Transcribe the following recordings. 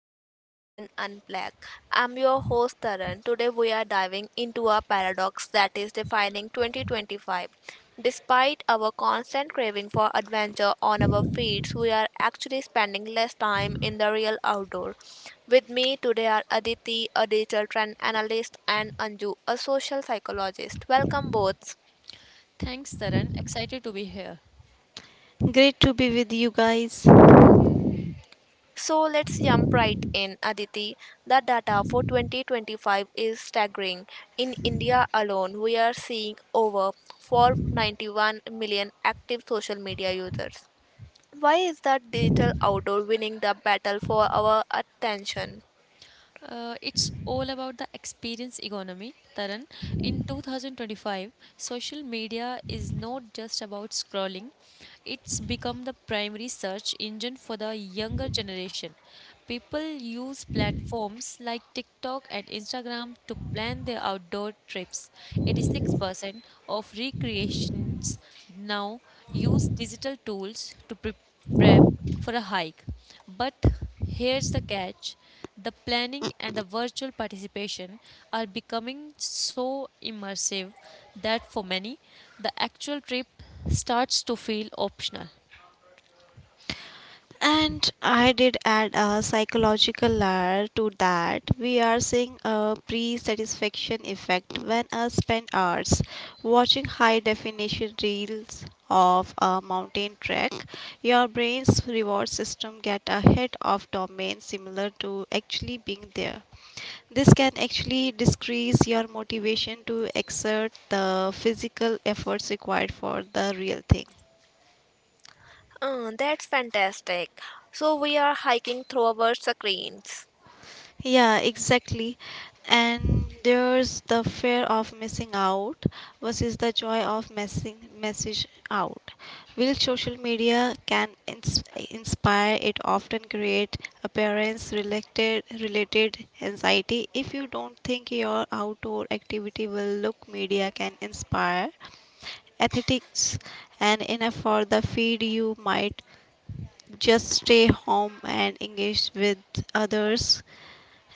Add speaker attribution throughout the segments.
Speaker 1: of Connect and Unplug. I'm your host Taran. Today we are diving into a paradox that is defining 2025. Despite our constant craving for adventure on our feeds, we are actually spending less time in the real outdoor. With me today are Aditi, a digital trend analyst, and Anju, a social psychologist. Welcome both.
Speaker 2: Thanks, Taran. Excited to be here.
Speaker 3: Great to be with you guys.
Speaker 1: So let's jump right in, Aditi. The data for 2025 is staggering. In India alone, we are seeing over 491 million active social media users. Why is that digital outdoor winning the battle for our attention?
Speaker 2: It's all about the experience economy, Taran. In 2025, social media is not just about scrolling, it's become the primary search engine for the younger generation. People use platforms like TikTok and Instagram to plan their outdoor trips. 86% of recreations now use digital tools to prep for a hike. But here's the catch, the planning and the virtual participation are becoming so immersive that for many, the actual trip starts to feel optional.
Speaker 3: And I did add a psychological layer to that. We are seeing a pre satisfaction effect when I spend hours watching high definition reels of a mountain trek. Your brain's reward system get a hit of dopamine similar to actually being there. This can actually decrease your motivation to exert the physical efforts required for the real thing.
Speaker 1: That's fantastic. So we are hiking through our screens.
Speaker 3: Yeah, exactly. And there's the fear of missing out versus the joy of messing message out. While social media can inspire, it often create appearance related anxiety. If you don't think your outdoor activity will look media can inspire athletics and enough for the feed, you might just stay home and engage with others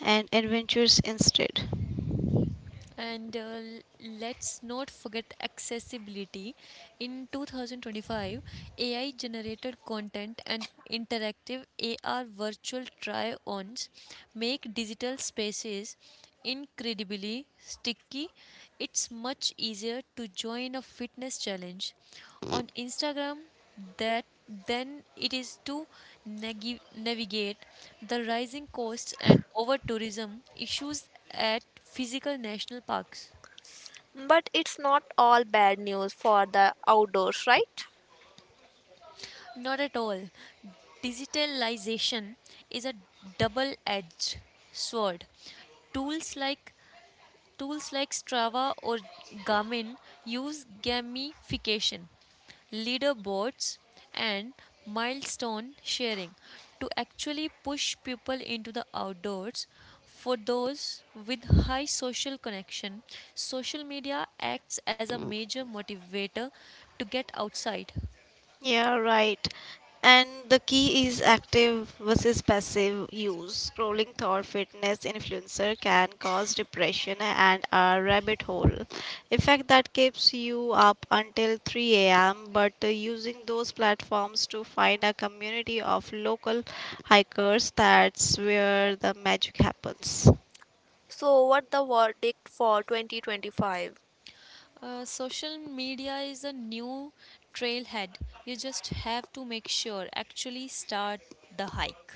Speaker 3: and adventures instead.
Speaker 2: And Let's not forget accessibility. In 2025, AI generated content and interactive AR virtual try ons make digital spaces incredibly sticky. It's much easier to join a fitness challenge on Instagram that then it is to navigate the rising costs and over tourism issues at physical national parks.
Speaker 1: But it's not all bad news for the outdoors, right?
Speaker 2: Not at all. Digitalization is a double edged sword. Tools like Tools like Strava or Garmin use gamification, leaderboards, and milestone sharing to actually push people into the outdoors. For those with high social connection, social media acts as a major motivator to get outside.
Speaker 3: Yeah, right. And the key is active versus passive use. Scrolling thought fitness influencer can cause depression and a rabbit hole effect that keeps you up until 3 a.m. But using those platforms to find a community of local hikers, that's where the magic happens.
Speaker 1: So what the verdict for 2025?
Speaker 2: Social media is a new trailhead. You just have to make sure actually start the hike.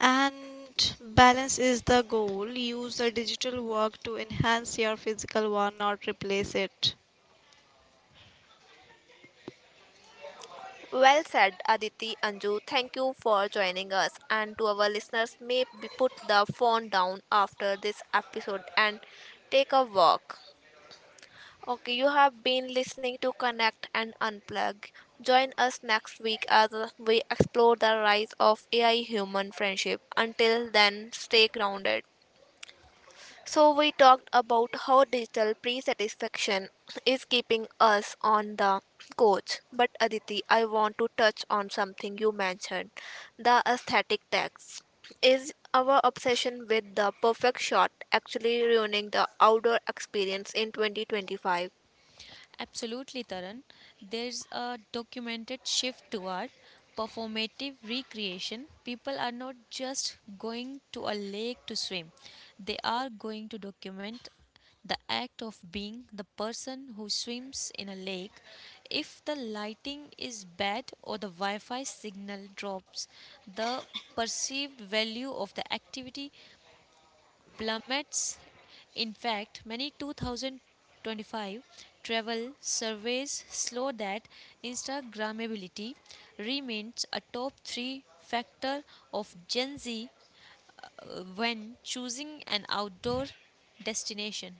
Speaker 3: And balance is the goal. Use the digital work to enhance your physical one, not replace it.
Speaker 1: Well said, Aditi Anju. Thank you for joining us. And to our listeners, may be put the phone down after this episode and take a walk. Okay, you have been listening to Connect and Unplug. Join us next week as we explore the rise of AI human friendship. Until then, stay grounded. So, we talked about how digital pre satisfaction is keeping us on the coach. But, Aditi, I want to touch on something you mentioned the aesthetic tax. Is our obsession with the perfect shot actually ruining the outdoor experience in 2025?
Speaker 2: Absolutely, Taran. There's a documented shift toward performative recreation. People are not just going to a lake to swim, they are going to document the act of being the person who swims in a lake. If the lighting is bad or the Wi Fi signal drops, the perceived value of the activity plummets. In fact, many 2025 travel surveys show that Instagrammability remains a top three factor of Gen Z when choosing an outdoor destination.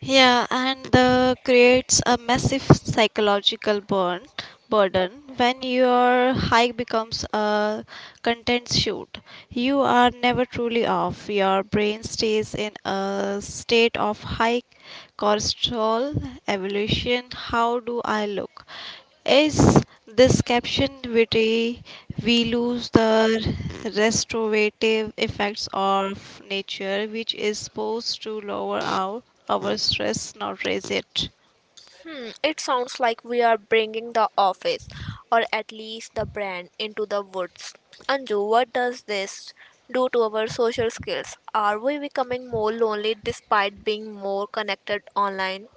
Speaker 3: Yeah, and the creates a massive psychological burn burden when your hike becomes a content shoot. You are never truly off. Your brain stays in a state of high cortisol evolution. How do I look? Is this caption witty? We lose the restorative effects of nature, which is supposed to lower our stress, not raise it.
Speaker 1: Hmm, it sounds like we are bringing the office, or at least the brand, into the woods. Anju, what does this do to our social skills? Are we becoming more lonely despite being more connected online?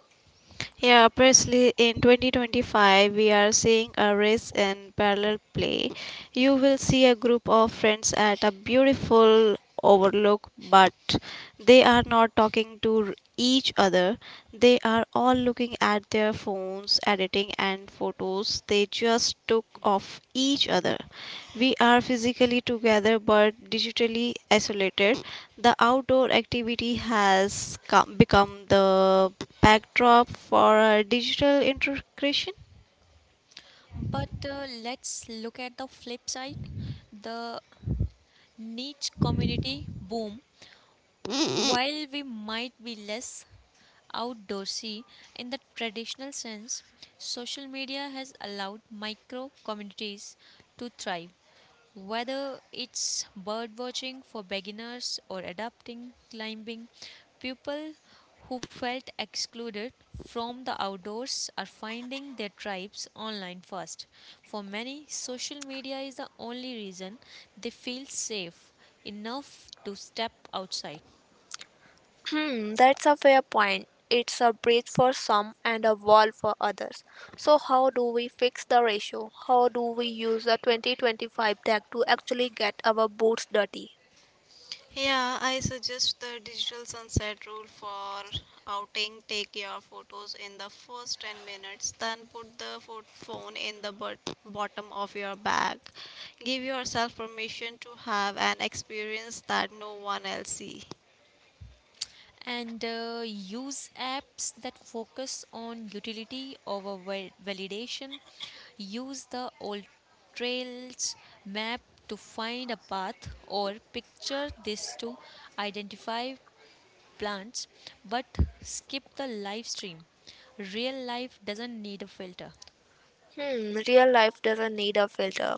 Speaker 3: Yeah, precisely in 2025, we are seeing a race in parallel play. You will see a group of friends at a beautiful overlook, but they are not talking to each other. They are all looking at their phones, editing, and photos. They just took off each other. We are physically together but digitally isolated. The outdoor activity has become the backdrop for our digital integration.
Speaker 2: But Let's look at the flip side, the niche community boom. While we might be less outdoorsy in the traditional sense, social media has allowed micro communities to thrive. Whether it's bird watching for beginners or adapting climbing, people who felt excluded from the outdoors are finding their tribes online first. For many, social media is the only reason they feel safe enough to step outside.
Speaker 1: Hmm, that's a fair point. It's a bridge for some and a wall for others. So, how do we fix the ratio? How do we use the 2025 tag to actually get our boots dirty?
Speaker 3: Yeah, I suggest the digital sunset rule for outing. Take your photos in the first 10 minutes, then put the phone in the bottom of your bag. Give yourself permission to have an experience that no one else see.
Speaker 2: And Use apps that focus on utility over validation. Use the old trails map to find a path or picture this to identify plants, but skip the live stream. Real life doesn't need a filter.
Speaker 1: Hmm, real life doesn't need a filter.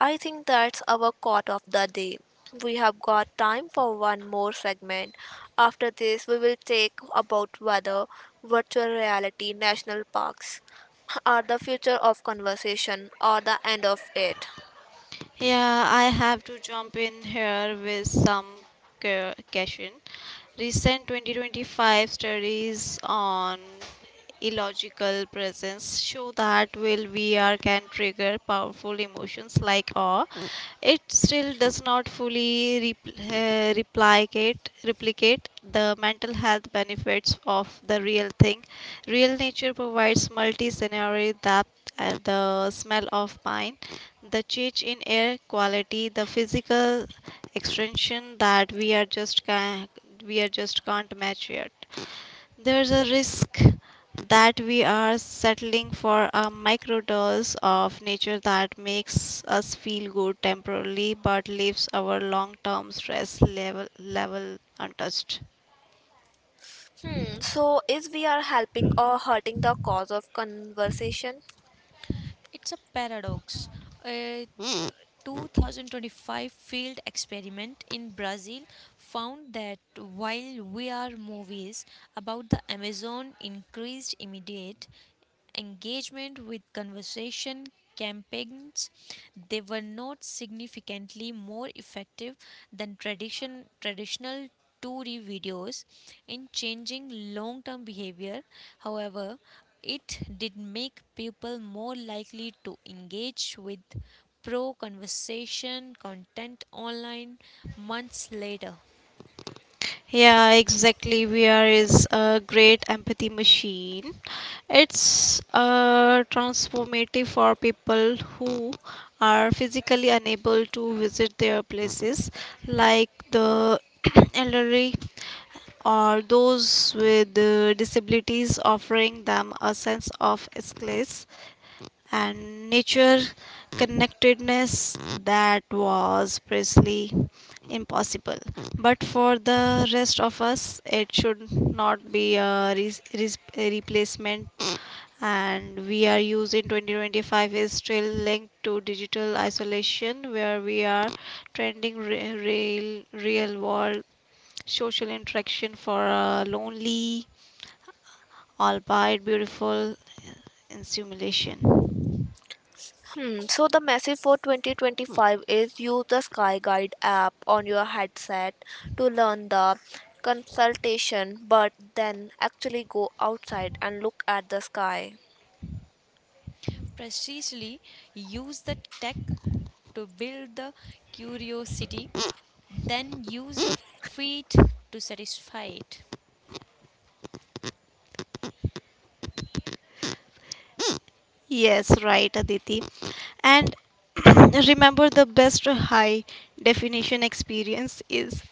Speaker 1: I think that's our quote of the day. We have got time for one more segment. After this, we will take about whether virtual reality national parks are the future of conversation or the end of it.
Speaker 3: Yeah, I have to jump in here with some caution. Recent 2025 studies on illogical presence show that while VR can trigger powerful emotions like awe, it still does not fully replicate the mental health benefits of the real thing. Real nature provides multi-scenario depth and the smell of pine, the change in air quality, the physical extension that we are just can't match yet. There's a risk that we are settling for a microdose of nature that makes us feel good temporarily but leaves our long-term stress level untouched.
Speaker 1: Hmm, so is we are helping or hurting the cause of conversation?
Speaker 2: It's a paradox. Uh, 2025 field experiment in Brazil found that while VR movies about the Amazon increased immediate engagement with conversation campaigns, they were not significantly more effective than traditional 2D videos in changing long term behavior. However, it did make people more likely to engage with pro conversation content online months later.
Speaker 3: Yeah, exactly. VR is a great empathy machine. It's transformative for people who are physically unable to visit their places, like the elderly or those with disabilities, offering them a sense of escape and nature connectedness that was precisely impossible. But for the rest of us, it should not be a replacement. And we are using 2025 is still linked to digital isolation, where we are trending real real world social interaction for a lonely, albeit beautiful, simulation.
Speaker 1: Hmm, so the message for 2025 is use the Sky Guide app on your headset to learn the consultation, but then actually go outside and look at the sky.
Speaker 2: Precisely, use the tech to build the curiosity, then use your feet to satisfy it.
Speaker 3: Yes, right, Aditi. And remember, the best high definition experience is.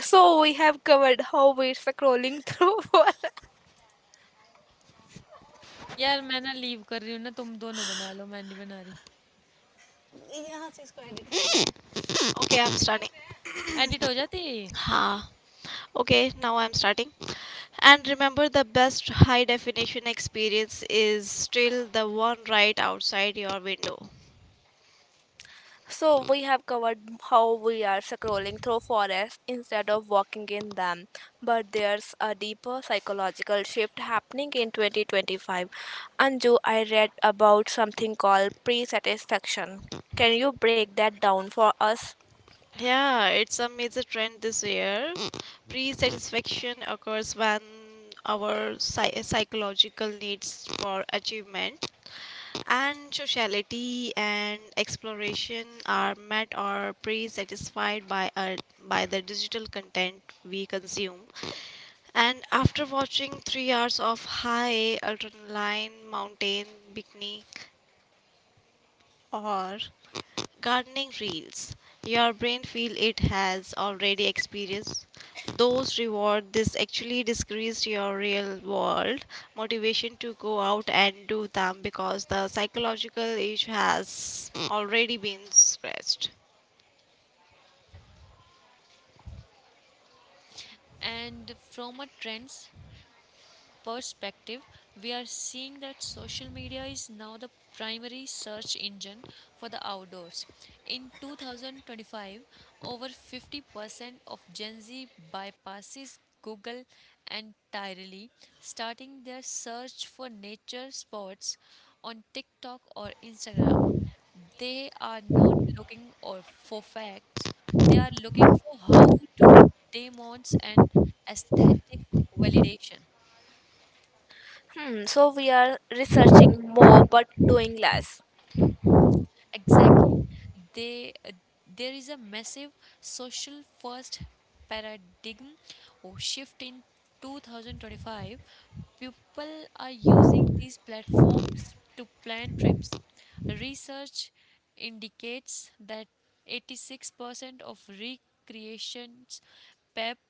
Speaker 1: So we have covered how we're scrolling through for
Speaker 2: यार मैं ना leave कर रही हूँ ना तुम दोनों बना लो मैं नहीं बना रही
Speaker 3: Okay, I'm starting.
Speaker 2: एडिट हो जाती.
Speaker 3: Ha. Okay, now I'm starting. And remember, the best high definition experience is still the one right outside your window.
Speaker 1: So we have covered how we are scrolling through forests instead of walking in them, but there's a deeper psychological shift happening in 2025. Anju, I read about something called pre-satisfaction. Can you break that down for us?
Speaker 3: Yeah, it's a major trend this year. Pre satisfaction occurs when our psychological needs for achievement and sociality and exploration are met or pre-satisfied by by the digital content we consume, and after watching 3 hours of high adrenaline mountain bikini or gardening reels. Your brain feel it has already experienced those reward. This actually decreased your real world motivation to go out and do them because the psychological itch has already been scratched.
Speaker 2: And from a trends perspective, we are seeing that social media is now the primary search engine for the outdoors. In 2025, over 50% of Gen Z bypasses Google entirely, starting their search for nature spots on TikTok or Instagram. They are not looking or for facts, they are looking for how to demons and aesthetic validation.
Speaker 1: Hmm, so we are researching more but doing less.
Speaker 2: Exactly. They, uh, there is a massive social first paradigm or shift in 2025. People are using these platforms to plan trips. Research indicates that 86% of recreations prep,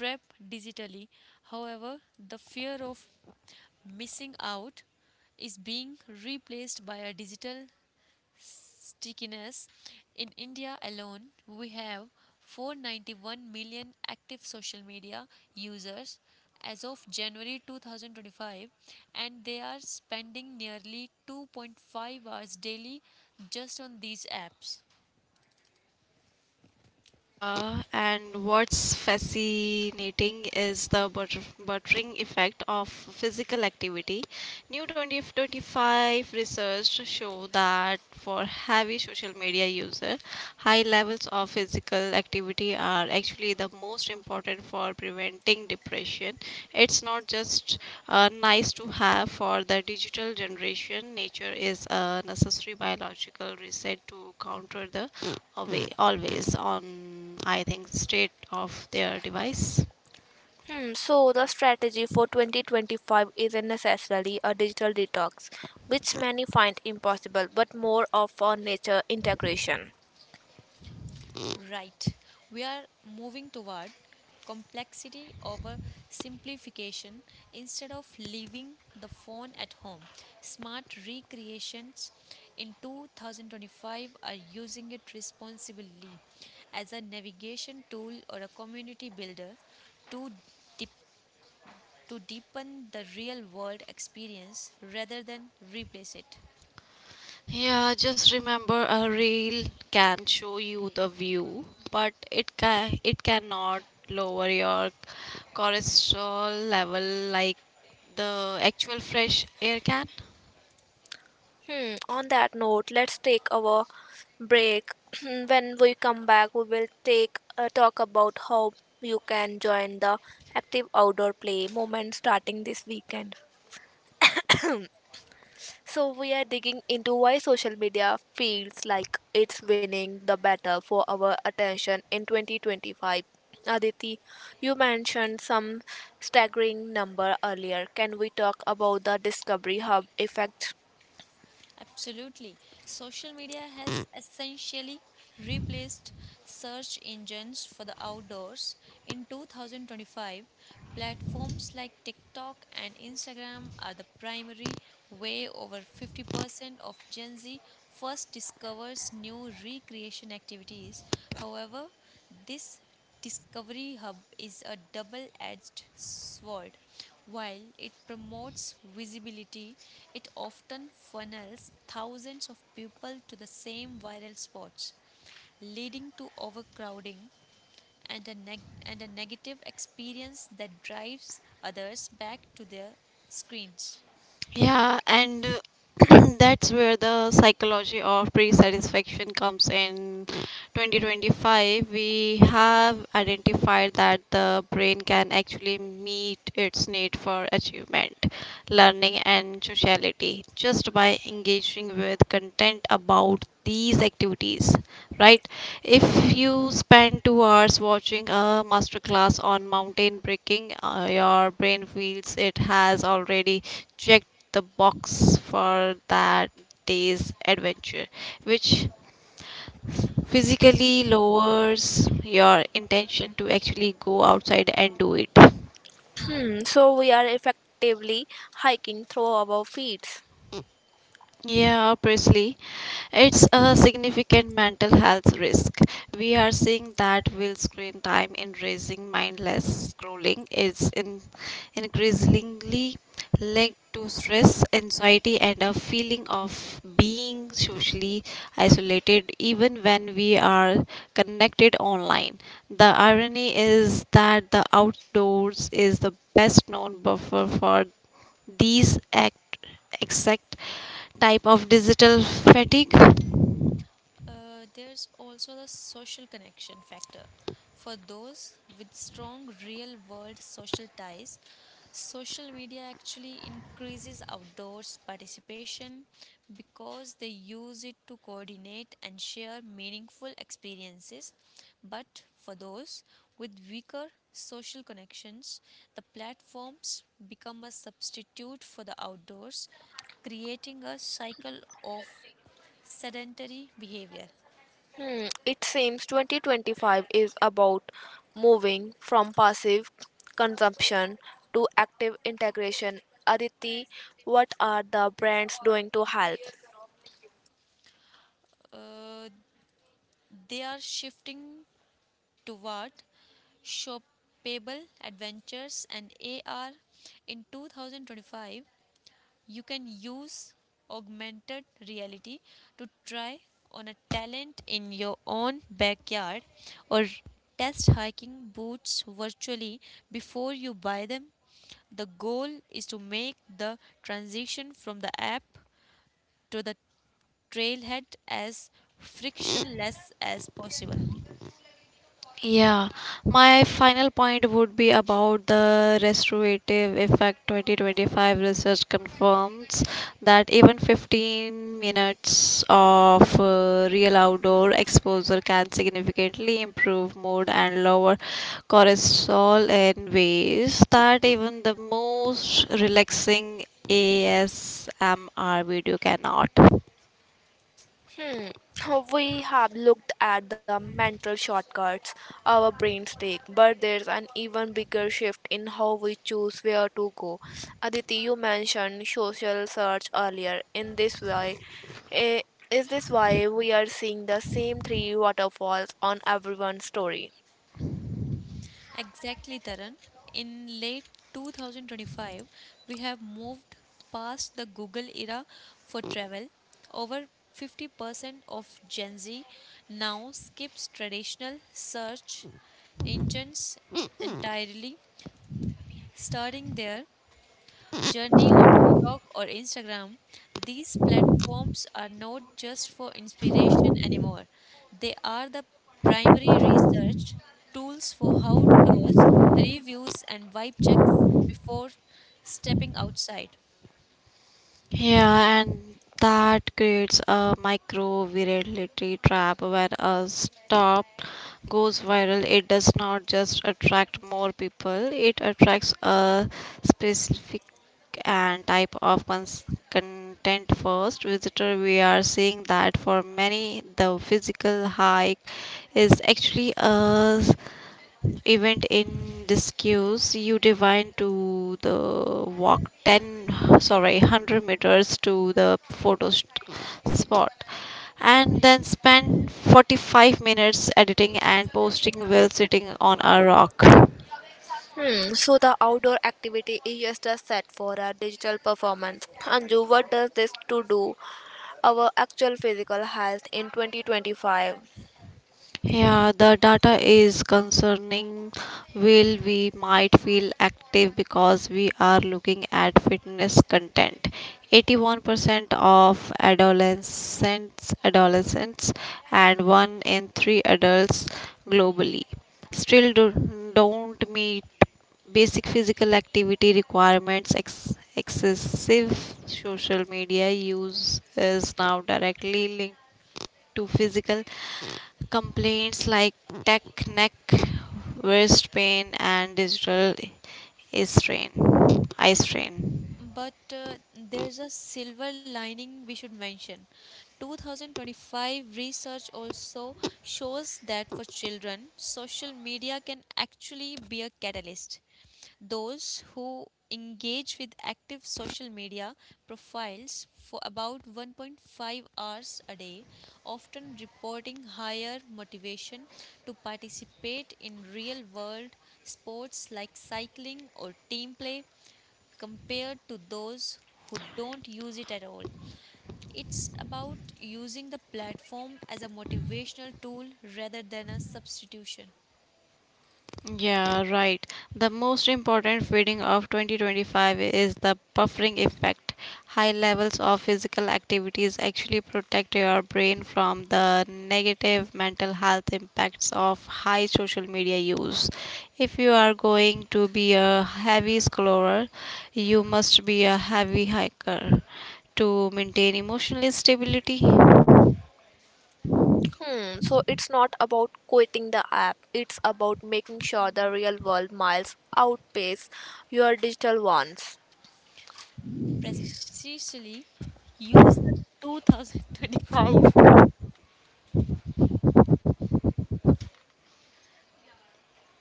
Speaker 2: prep digitally. However, the fear of missing out is being replaced by a digital stickiness. In India alone, we have 491 million active social media users as of January 2025, and they are spending nearly 2.5 hours daily just on these apps.
Speaker 3: Yeah, and what's fascinating is the buttering effect of physical activity. New 2025 research show that for heavy social media user, high levels of physical activity are actually the most important for preventing depression. It's not just nice to have for the digital generation. Nature is a necessary biological reset to counter the always on, I think, state of their device.
Speaker 1: Hmm, so the strategy for 2025 isn't necessarily a digital detox, which many find impossible, but more of a nature integration.
Speaker 2: Right. We are moving toward complexity over simplification. Instead of leaving the phone at home, smart recreations in 2025 are using it responsibly as a navigation tool or a community builder to dip- to deepen the real world experience rather than replace it.
Speaker 3: Yeah, just remember a reel can show you the view, but it cannot lower your cholesterol level like the actual fresh air can.
Speaker 1: Hmm, on that note, let's take our break. When we come back, we will take a talk about how you can join the active outdoor play movement starting this weekend. So we are digging into why social media feels like it's winning the battle for our attention in 2025. Aditi, you mentioned some staggering number earlier. Can we talk about the discovery hub effect?
Speaker 2: Absolutely. Social media has essentially replaced search engines for the outdoors. In 2025, platforms like TikTok and Instagram are the primary way over 50% of Gen Z first discovers new recreation activities. However, this Discovery Hub is a double edged sword. While it promotes visibility, it often funnels thousands of people to the same viral spots, leading to overcrowding and a, negative experience that drives others back to their screens.
Speaker 3: Yeah, and that's where the psychology of pre-satisfaction comes in. 2025, we have identified that the brain can actually meet its need for achievement, learning, and sociality just by engaging with content about these activities. Right, if you spend 2 hours watching a masterclass on mountain biking, your brain feels it has already checked the box for that day's adventure, which physically lowers your intention to actually go outside and do it.
Speaker 1: Hmm, so we are effectively hiking through our feet.
Speaker 3: Yeah, precisely. It's a significant mental health risk. We are seeing that while screen time in raising mindless scrolling is in increasingly linked to stress, anxiety, and a feeling of being socially isolated, even when we are connected online. The irony is that the outdoors is the best known buffer for these act exact type of digital fatigue.
Speaker 2: There's also the social connection factor. For those with strong real world social ties, social media actually increases outdoors participation because they use it to coordinate and share meaningful experiences. But for those with weaker social connections, the platforms become a substitute for the outdoors, creating a cycle of sedentary behavior.
Speaker 1: Hmm, it seems 2025 is about moving from passive consumption to active integration. Aditi, what are the brands doing to help?
Speaker 2: Uh, they are shifting toward shoppable adventures and AR. In 2025, you can use augmented reality to try on a talent in your own backyard or test hiking boots virtually before you buy them. The goal is to make the transition from the app to the trailhead as frictionless as possible.
Speaker 3: Yeah, my final point would be about the restorative effect. 2025 research confirms that even 15 minutes of real outdoor exposure can significantly improve mood and lower cortisol in ways that even the most relaxing ASMR video cannot.
Speaker 1: Hmm. We have looked at the mental shortcuts our brains take, but there's an even bigger shift in how we choose where to go. Aditi, you mentioned social search earlier. In this way, eh, is this why we are seeing the same three waterfalls on everyone's story?
Speaker 2: Exactly, Taran. In late 2025, we have moved past the Google era for travel. Over 50% of Gen Z now skips traditional search engines entirely, starting their journey on TikTok or Instagram. These platforms are not just for inspiration anymore. They are the primary research tools for how tours, reviews, and vibe checks before stepping outside.
Speaker 3: Yeah, and that creates a micro virality trap where a stop goes viral. It does not just attract more people, it attracts a specific and type of content first visitor. We are seeing that for many, the physical hike is actually a event in discuss you divine to the walk 10, sorry, 100 meters to the photo spot, and then spend 45 minutes editing and posting while sitting on a rock.
Speaker 1: Hmm, so the outdoor activity is just a set for a digital performance. Anju, what does this to do our actual physical health in 2025?
Speaker 3: Yeah, the data is concerning. Will we might feel active because we are looking at fitness content. 81% of adolescents, and one in three adults globally still do, don't meet basic physical activity requirements. Excessive social media use is now directly linked to physical complaints like tech neck, wrist pain, and digital eye strain. Eye strain.
Speaker 2: But There's a silver lining we should mention. 2025 research also shows that for children, social media can actually be a catalyst. Those who engage with active social media profiles for about 1.5 hours a day, often reporting higher motivation to participate in real world sports like cycling or team play compared to those who don't use it at all. It's about using the platform as a motivational tool rather than a substitution.
Speaker 3: Yeah, right. The most important finding of 2025 is the buffering effect. High levels of physical activities actually protect your brain from the negative mental health impacts of high social media use. If you are going to be a heavy scroller, you must be a heavy hiker to maintain emotional stability.
Speaker 1: Hmm, so it's not about quitting the app, it's about making sure the real world miles outpace your digital ones.
Speaker 2: Precisely, use the 2025.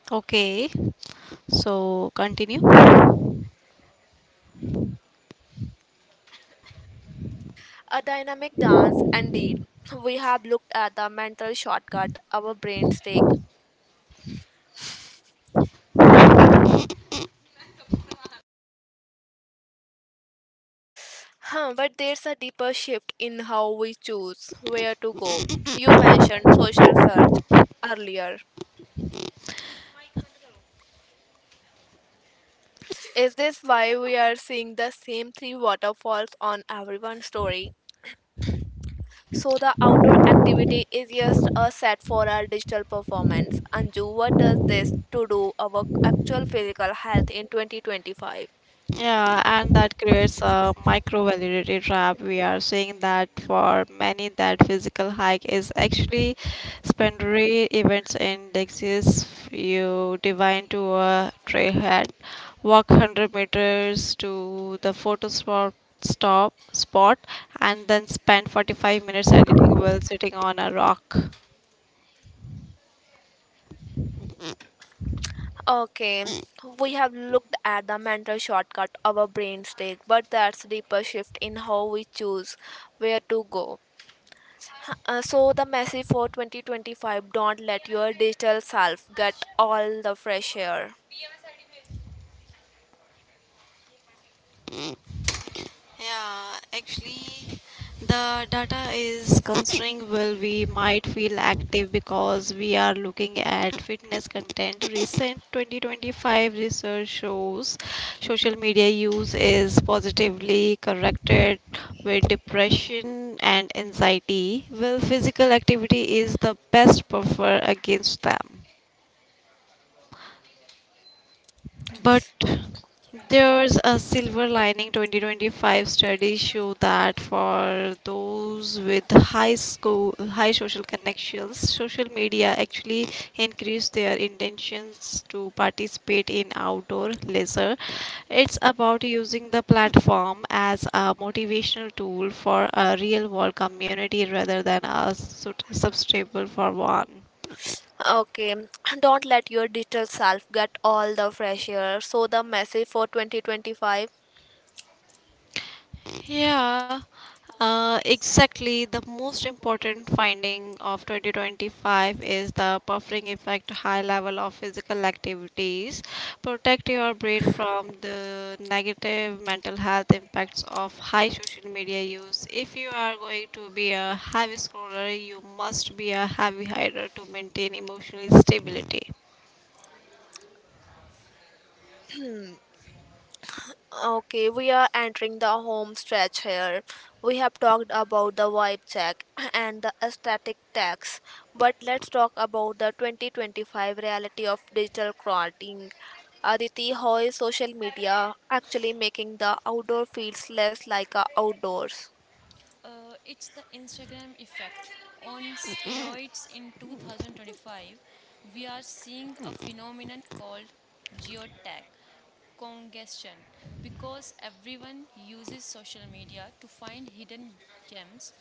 Speaker 3: Okay, so continue.
Speaker 1: A dynamic dance, indeed. We have looked at the mental shortcut our brains take. But there's a deeper shift in how we choose where to go. You mentioned social search earlier. Is this why we are seeing the same three waterfalls on everyone's story? So the outdoor activity is just a set for our digital performance. Anju, what does this to do our actual physical health in 2025?
Speaker 3: Yeah, and that creates a micro validity trap. We are seeing that for many, that physical hike is actually secondary events indexes. You divine to a trailhead, walk 100 meters to the photo stop spot, and then spend 45 minutes editing while sitting on a rock.
Speaker 1: Okay, we have looked at the mental shortcut our brains take, but that's deeper shift in how we choose where to go. So the message for 2025: don't let your digital self get all the fresh air.
Speaker 3: Yeah, actually, the data is concerning. Well, we might feel active because we are looking at fitness content. Recent 2025 research shows social media use is positively corrected with depression and anxiety. Well, physical activity is the best buffer against them. But there's a silver lining: 2025 studies show that for those with high social connections, social media actually increase their intentions to participate in outdoor leisure. It's about using the platform as a motivational tool for a real world community rather than a sustainable for one.
Speaker 1: Okay, don't let your digital self get all the fresh air. So the message for 2025.
Speaker 3: Yeah, exactly. The most important finding of 2025 is the buffering effect, high level of physical activities. Protect your brain from the negative mental health impacts of high social media use. If you are going to be a heavy scroller, you must be a heavy hider to maintain emotional stability.
Speaker 1: Okay, we are entering the home stretch here. We have talked about the vibe check and the aesthetic tax, but let's talk about the 2025 reality of digital crowding. Aditi, how is social media actually making the outdoor feels less like a outdoors?
Speaker 2: It's the Instagram effect on steroids in 2025. We are seeing a phenomenon called geotag congestion because everyone uses social media to find hidden gems.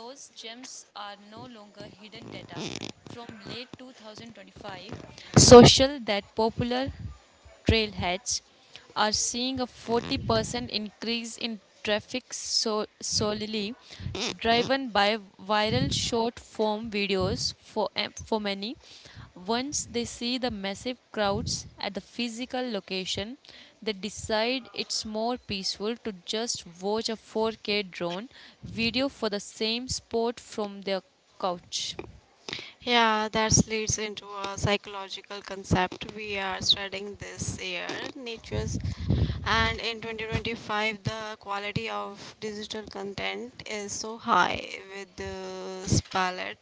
Speaker 2: Those gems are no longer hidden data from late 2025. Social that popular trailheads are seeing a 40% increase in traffic solely driven by viral short form videos for, for many. Once they see the massive crowds at the physical location, they decide it's more peaceful to just watch a 4K drone video for the same sport from their couch.
Speaker 3: Yeah, that leads into a psychological concept we are studying this year, natures. And in 2025, the quality of digital content is so high, with the palette,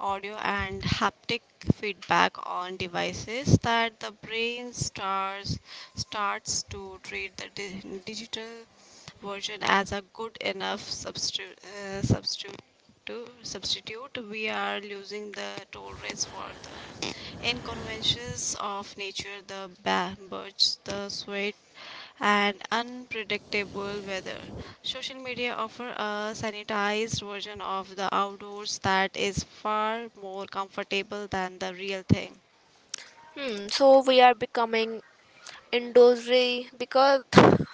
Speaker 3: audio, and haptic like feedback on devices, that the brain starts to treat the digital version as a good enough uh, substitute to substitute. We are losing the tolerance for the inconveniences of nature, the birds, the sweat, and unpredictable weather. Social media offer a sanitized version of the outdoors that is far more comfortable than the real thing.
Speaker 1: Hmm, so we are becoming indoorsy because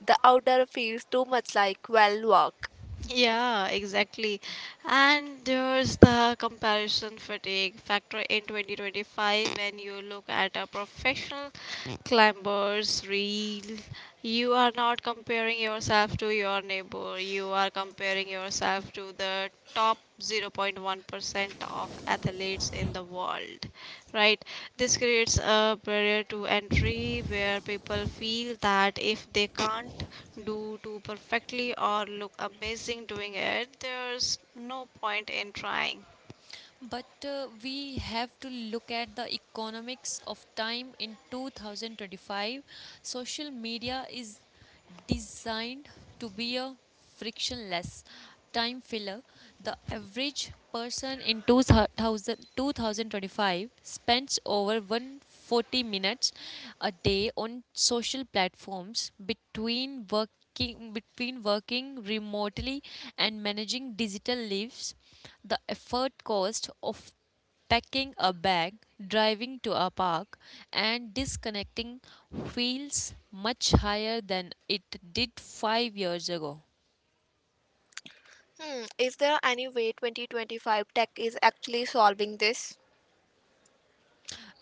Speaker 1: the outdoor feels too much like well work.
Speaker 3: Yeah, exactly. And there's the comparison fatigue factor in 2025. When you look at a professional climber's reel, you are not comparing yourself to your neighbor, you are comparing yourself to the top 0.1% of athletes in the world. Right, this creates a barrier to entry where people feel that if they can't do too perfectly or look amazing doing it, there's no point in trying.
Speaker 2: But We have to look at the economics of time in 2025. Social media is designed to be a frictionless time filler. The average person in 2000, spends over 140 minutes a day on social platforms. Between working remotely and managing digital lives, the effort cost of packing a bag, driving to a park, and disconnecting feels much higher than it did 5 years ago.
Speaker 1: Hmm, is there any way 2025 tech is actually solving this?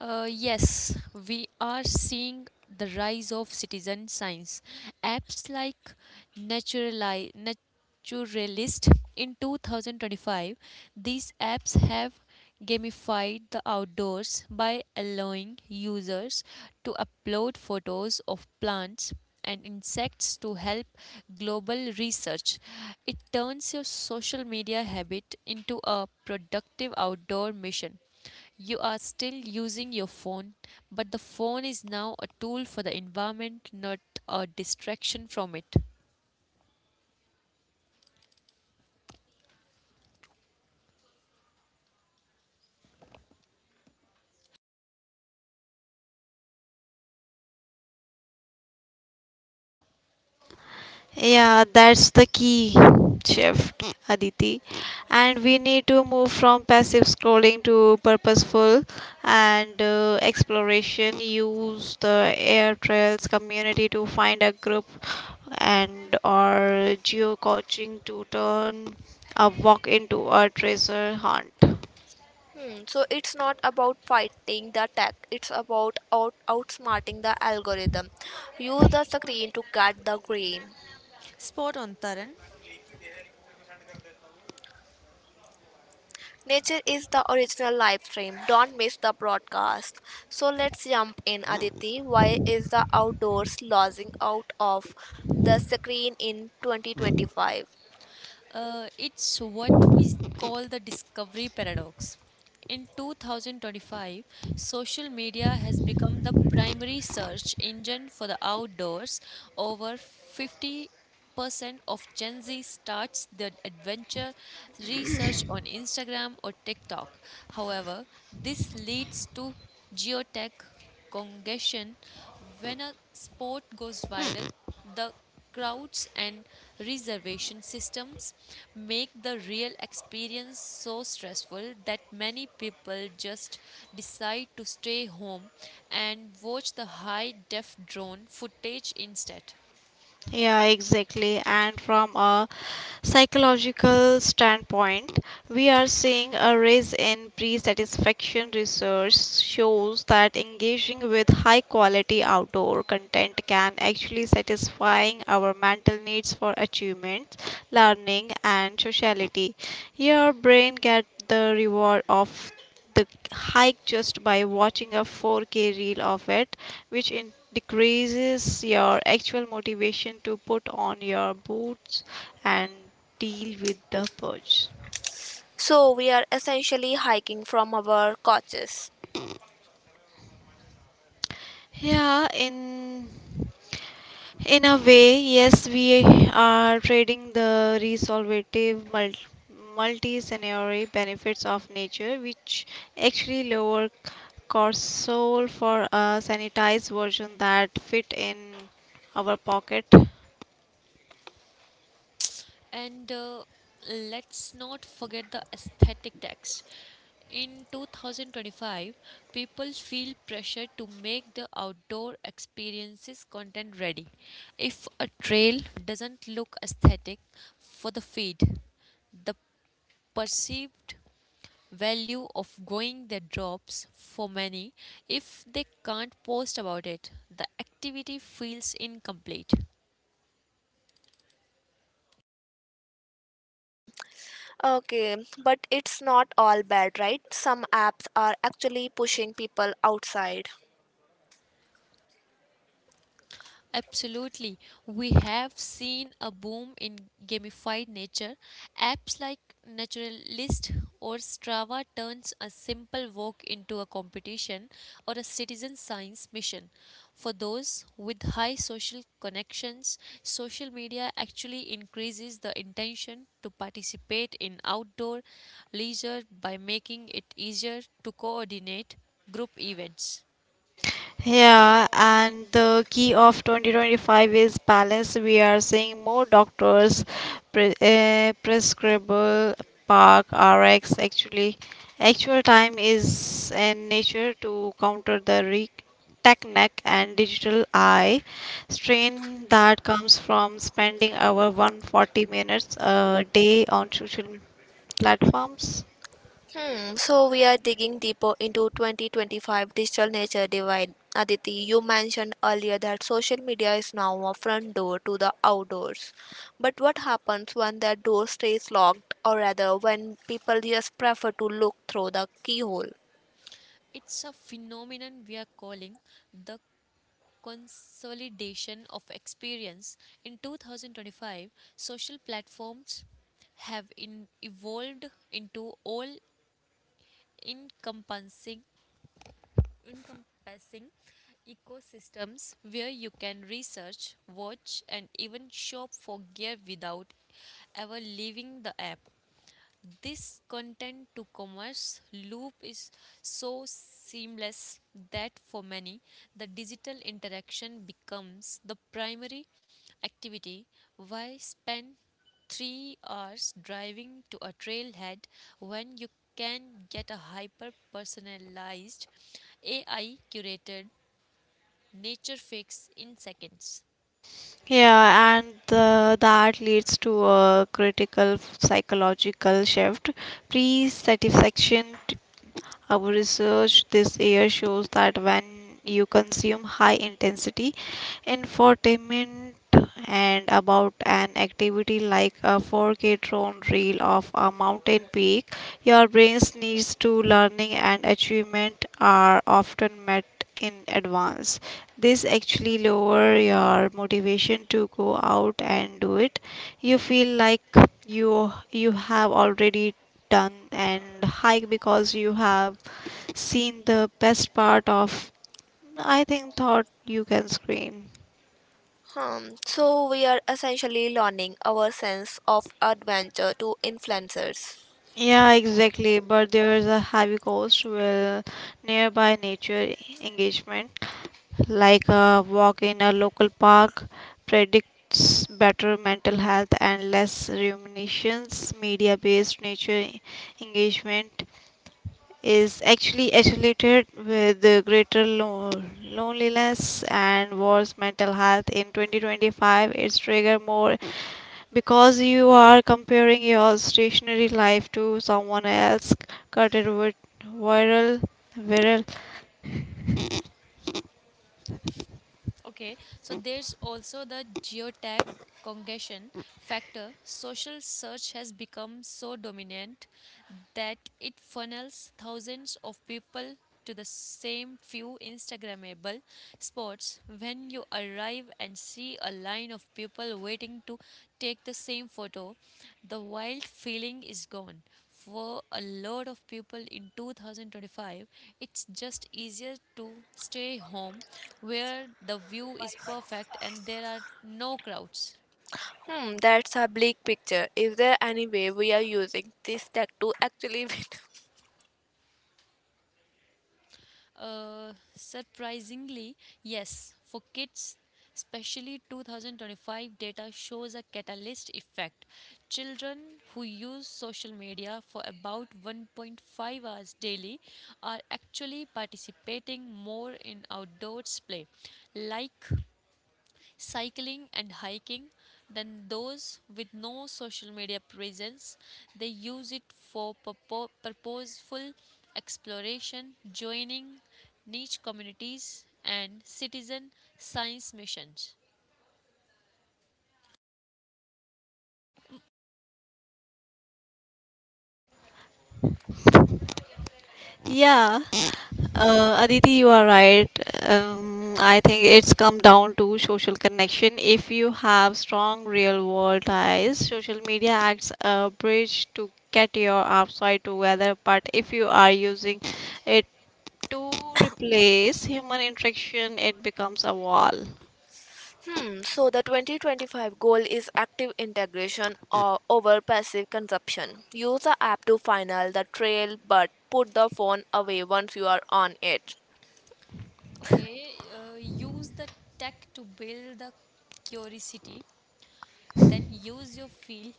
Speaker 2: Yes, we are seeing the rise of citizen science. Apps like Naturali- Naturalist. In 2025, these apps have gamified the outdoors by allowing users to upload photos of plants and insects to help global research. It turns your social media habit into a productive outdoor mission. You are still using your phone, but the phone is now a tool for the environment, not a distraction from it.
Speaker 3: Yeah, that's the key shift, Aditi. And we need to move from passive scrolling to purposeful and exploration. Use the air trails community to find a group and or geo coaching to turn a walk into a treasure hunt.
Speaker 1: Hmm, so it's not about fighting the tech, it's about outsmarting the algorithm. Use the screen to cut the grain.
Speaker 2: Spot on, Taran.
Speaker 1: Nature is the original live stream. Don't miss the broadcast. So let's jump in, Aditi. Why is the outdoors losing out of the screen in 2025?
Speaker 2: It's what we call the discovery paradox. In 2025, social media has become the primary search engine for the outdoors. Over 50% of Gen Z starts their adventure research on Instagram or TikTok. However, this leads to geotech congestion. When a sport goes viral, the crowds and reservation systems make the real experience so stressful that many people just decide to stay home and watch the high def drone footage instead.
Speaker 3: Yeah, exactly. And from a psychological standpoint, we are seeing a rise in pre satisfaction. Research shows that engaging with high quality outdoor content can actually satisfying our mental needs for achievements, learning and sociality. Your brain get the reward of the hike just by watching a 4K reel of it, which decreases your actual motivation to put on your boots and deal with the purge.
Speaker 1: So we are essentially hiking from our coaches.
Speaker 3: Yeah, in a way, yes, we are trading the resolvative multi-scenario benefits of nature, which actually lower cortisol, for a sanitized version that fit in our pocket.
Speaker 2: And Let's not forget the aesthetic tax. In 2025, people feel pressure to make the outdoor experiences content ready. If a trail doesn't look aesthetic for the feed, the perceived value of going there drops for many. If they can't post about it, the activity feels incomplete.
Speaker 1: Hmm, okay, but it's not all bad, right? Some apps are actually pushing people outside.
Speaker 2: Absolutely. We have seen a boom in gamified nature. Apps like Naturalist or Strava turns a simple walk into a competition or a citizen science mission. For those with high social connections, social media actually increases the intention to participate in outdoor leisure by making it easier to coordinate group events.
Speaker 3: Yeah, and the key of 2025 is balance. We are seeing more doctors prescribable park RX actually. Actual time is in nature to counter the tech neck and digital eye strain that comes from spending over 140 minutes a day on social platforms.
Speaker 1: Hmm, so we are digging deeper into 2025 digital nature divide. Aditi, you mentioned earlier that social media is now a front door to the outdoors. But what happens when that door stays locked, or rather, when people just prefer to look through the keyhole?
Speaker 2: It's a phenomenon we are calling the consolidation of experience. In 2025, social platforms have evolved into all encompassing encompassing ecosystems where you can research, watch and even shop for gear without ever leaving the app. This content to commerce loop is so seamless that for many, the digital interaction becomes the primary activity. Why spend 3 hours driving to a trailhead when you can get a hyper personalized AI curated nature fix in seconds?
Speaker 3: That leads to a critical psychological shift. Pre-satisfaction, our research this year shows that when you consume high intensity infotainment and about an activity like a 4K drone reel of a mountain peak, your brain's needs to learning and achievement are often met in advance. This actually lower your motivation to go out and do it. You feel like you have already done and hike because you have seen the best part of I think thought you can scream.
Speaker 1: Hmm. So we are essentially learning our sense of adventure to influencers.
Speaker 3: Yeah, exactly. But there is a heavy cost with nearby nature engagement, like a walk in a local park, predicts better mental health and less ruminations. Media based nature engagement is actually associated with the greater loneliness and worse mental health. In 2025, it's triggered more because you are comparing your stationary life to someone else cutted with viral viral.
Speaker 2: Okay, so there's also the geotag congestion factor. Social search has become so dominant that it funnels thousands of people to the same few Instagrammable spots. When you arrive and see a line of people waiting to take the same photo, the wild feeling is gone. For a lot of people in 2025, it's just easier to stay home where the view is perfect and there are no crowds.
Speaker 1: Hmm, that's a bleak picture. Is there any way we are using this tech to actually win?
Speaker 2: Surprisingly, yes, for kids, especially 2025 data shows a catalyst effect. Children who use social media for about 1.5 hours daily are actually participating more in outdoors play, like cycling and hiking, than those with no social media presence. They use it for purposeful exploration, joining niche communities and citizen science missions.
Speaker 3: Yeah, Aditi, you are right. I think it's come down to social connection. If you have strong real world ties, social media acts a bridge to get your outside together, but if you are using it to replace human interaction, it becomes a wall.
Speaker 1: Hmm, so the 2025 goal is active integration or over passive consumption. Use the app to final the trail but put the phone away once you are on it.
Speaker 2: Okay, use the tech to build the curiosity, then use your field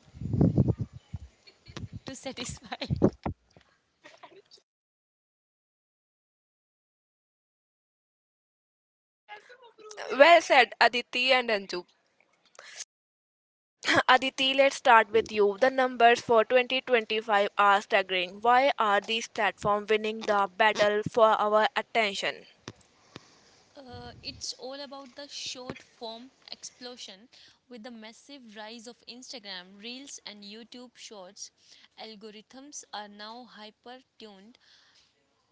Speaker 2: to satisfy.
Speaker 1: Well said, Aditi and Anju. Aditi, let's start with you. The numbers for 2025 are staggering. Why are these platforms winning the battle for our attention?
Speaker 2: It's all about the short form explosion with the massive rise of Instagram, Reels, and YouTube Shorts. Algorithms are now hyper tuned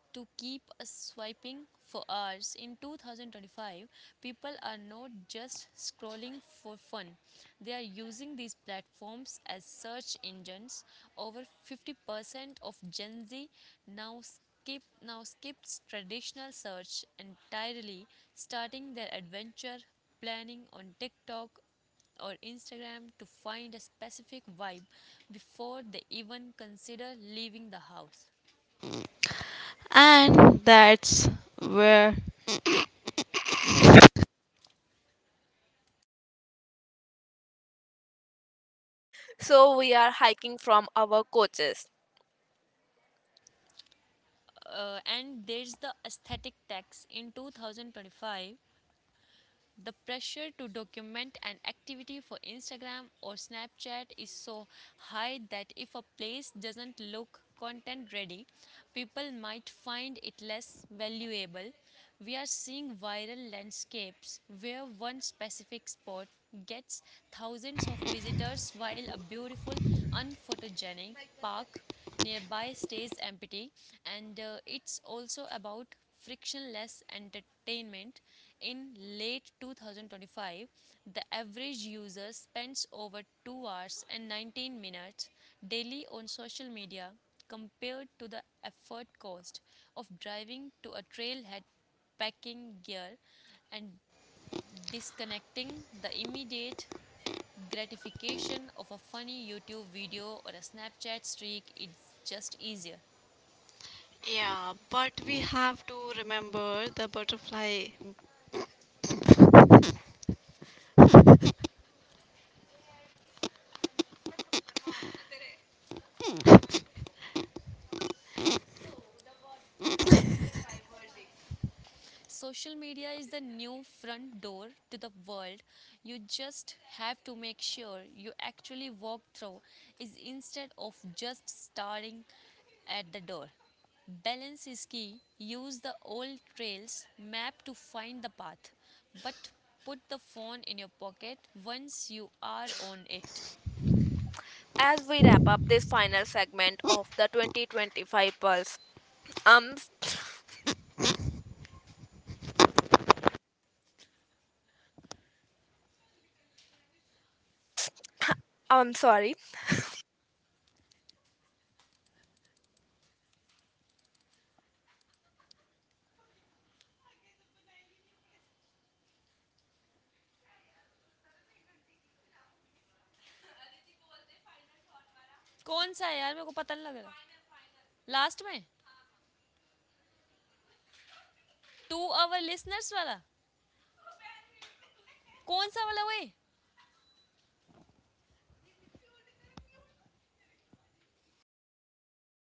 Speaker 2: to keep swiping for hours. In 2025, people are not just scrolling for fun, they are using these platforms as search engines. Over 50% of Gen Z now skips traditional search entirely, starting their adventure planning on TikTok or Instagram to find a specific vibe before they even consider leaving the house.
Speaker 3: And that's where.
Speaker 1: So, we are hiking from our coaches.
Speaker 2: And there's the aesthetic tax in 2025. The pressure to document an activity for Instagram or Snapchat is so high that if a place doesn't look content ready, people might find it less valuable. We are seeing viral landscapes where one specific spot gets thousands of visitors while a beautiful unphotogenic park nearby stays empty. And It's also about frictionless entertainment. In late 2025, the average user spends over 2 hours and 19 minutes daily on social media. Compared to the effort cost of driving to a trailhead, packing gear, and disconnecting, the immediate gratification of a funny YouTube video or a Snapchat streak, it's just easier.
Speaker 3: Yeah, but we have to remember the butterfly
Speaker 2: Social media is the new front door to the world. You just have to make sure you actually walk through is instead of just starting at the door. Balance is key. Use the old trails map to find the path, but put the phone in your pocket once you are on it.
Speaker 1: As we wrap up this final segment of the 2025 Pulse, um, I'm sorry.
Speaker 2: कौन सा है यार मेरे को पता नहीं लग रहा लास्ट में टू आवर लिसनर्स वाला कौन सा वाला वो है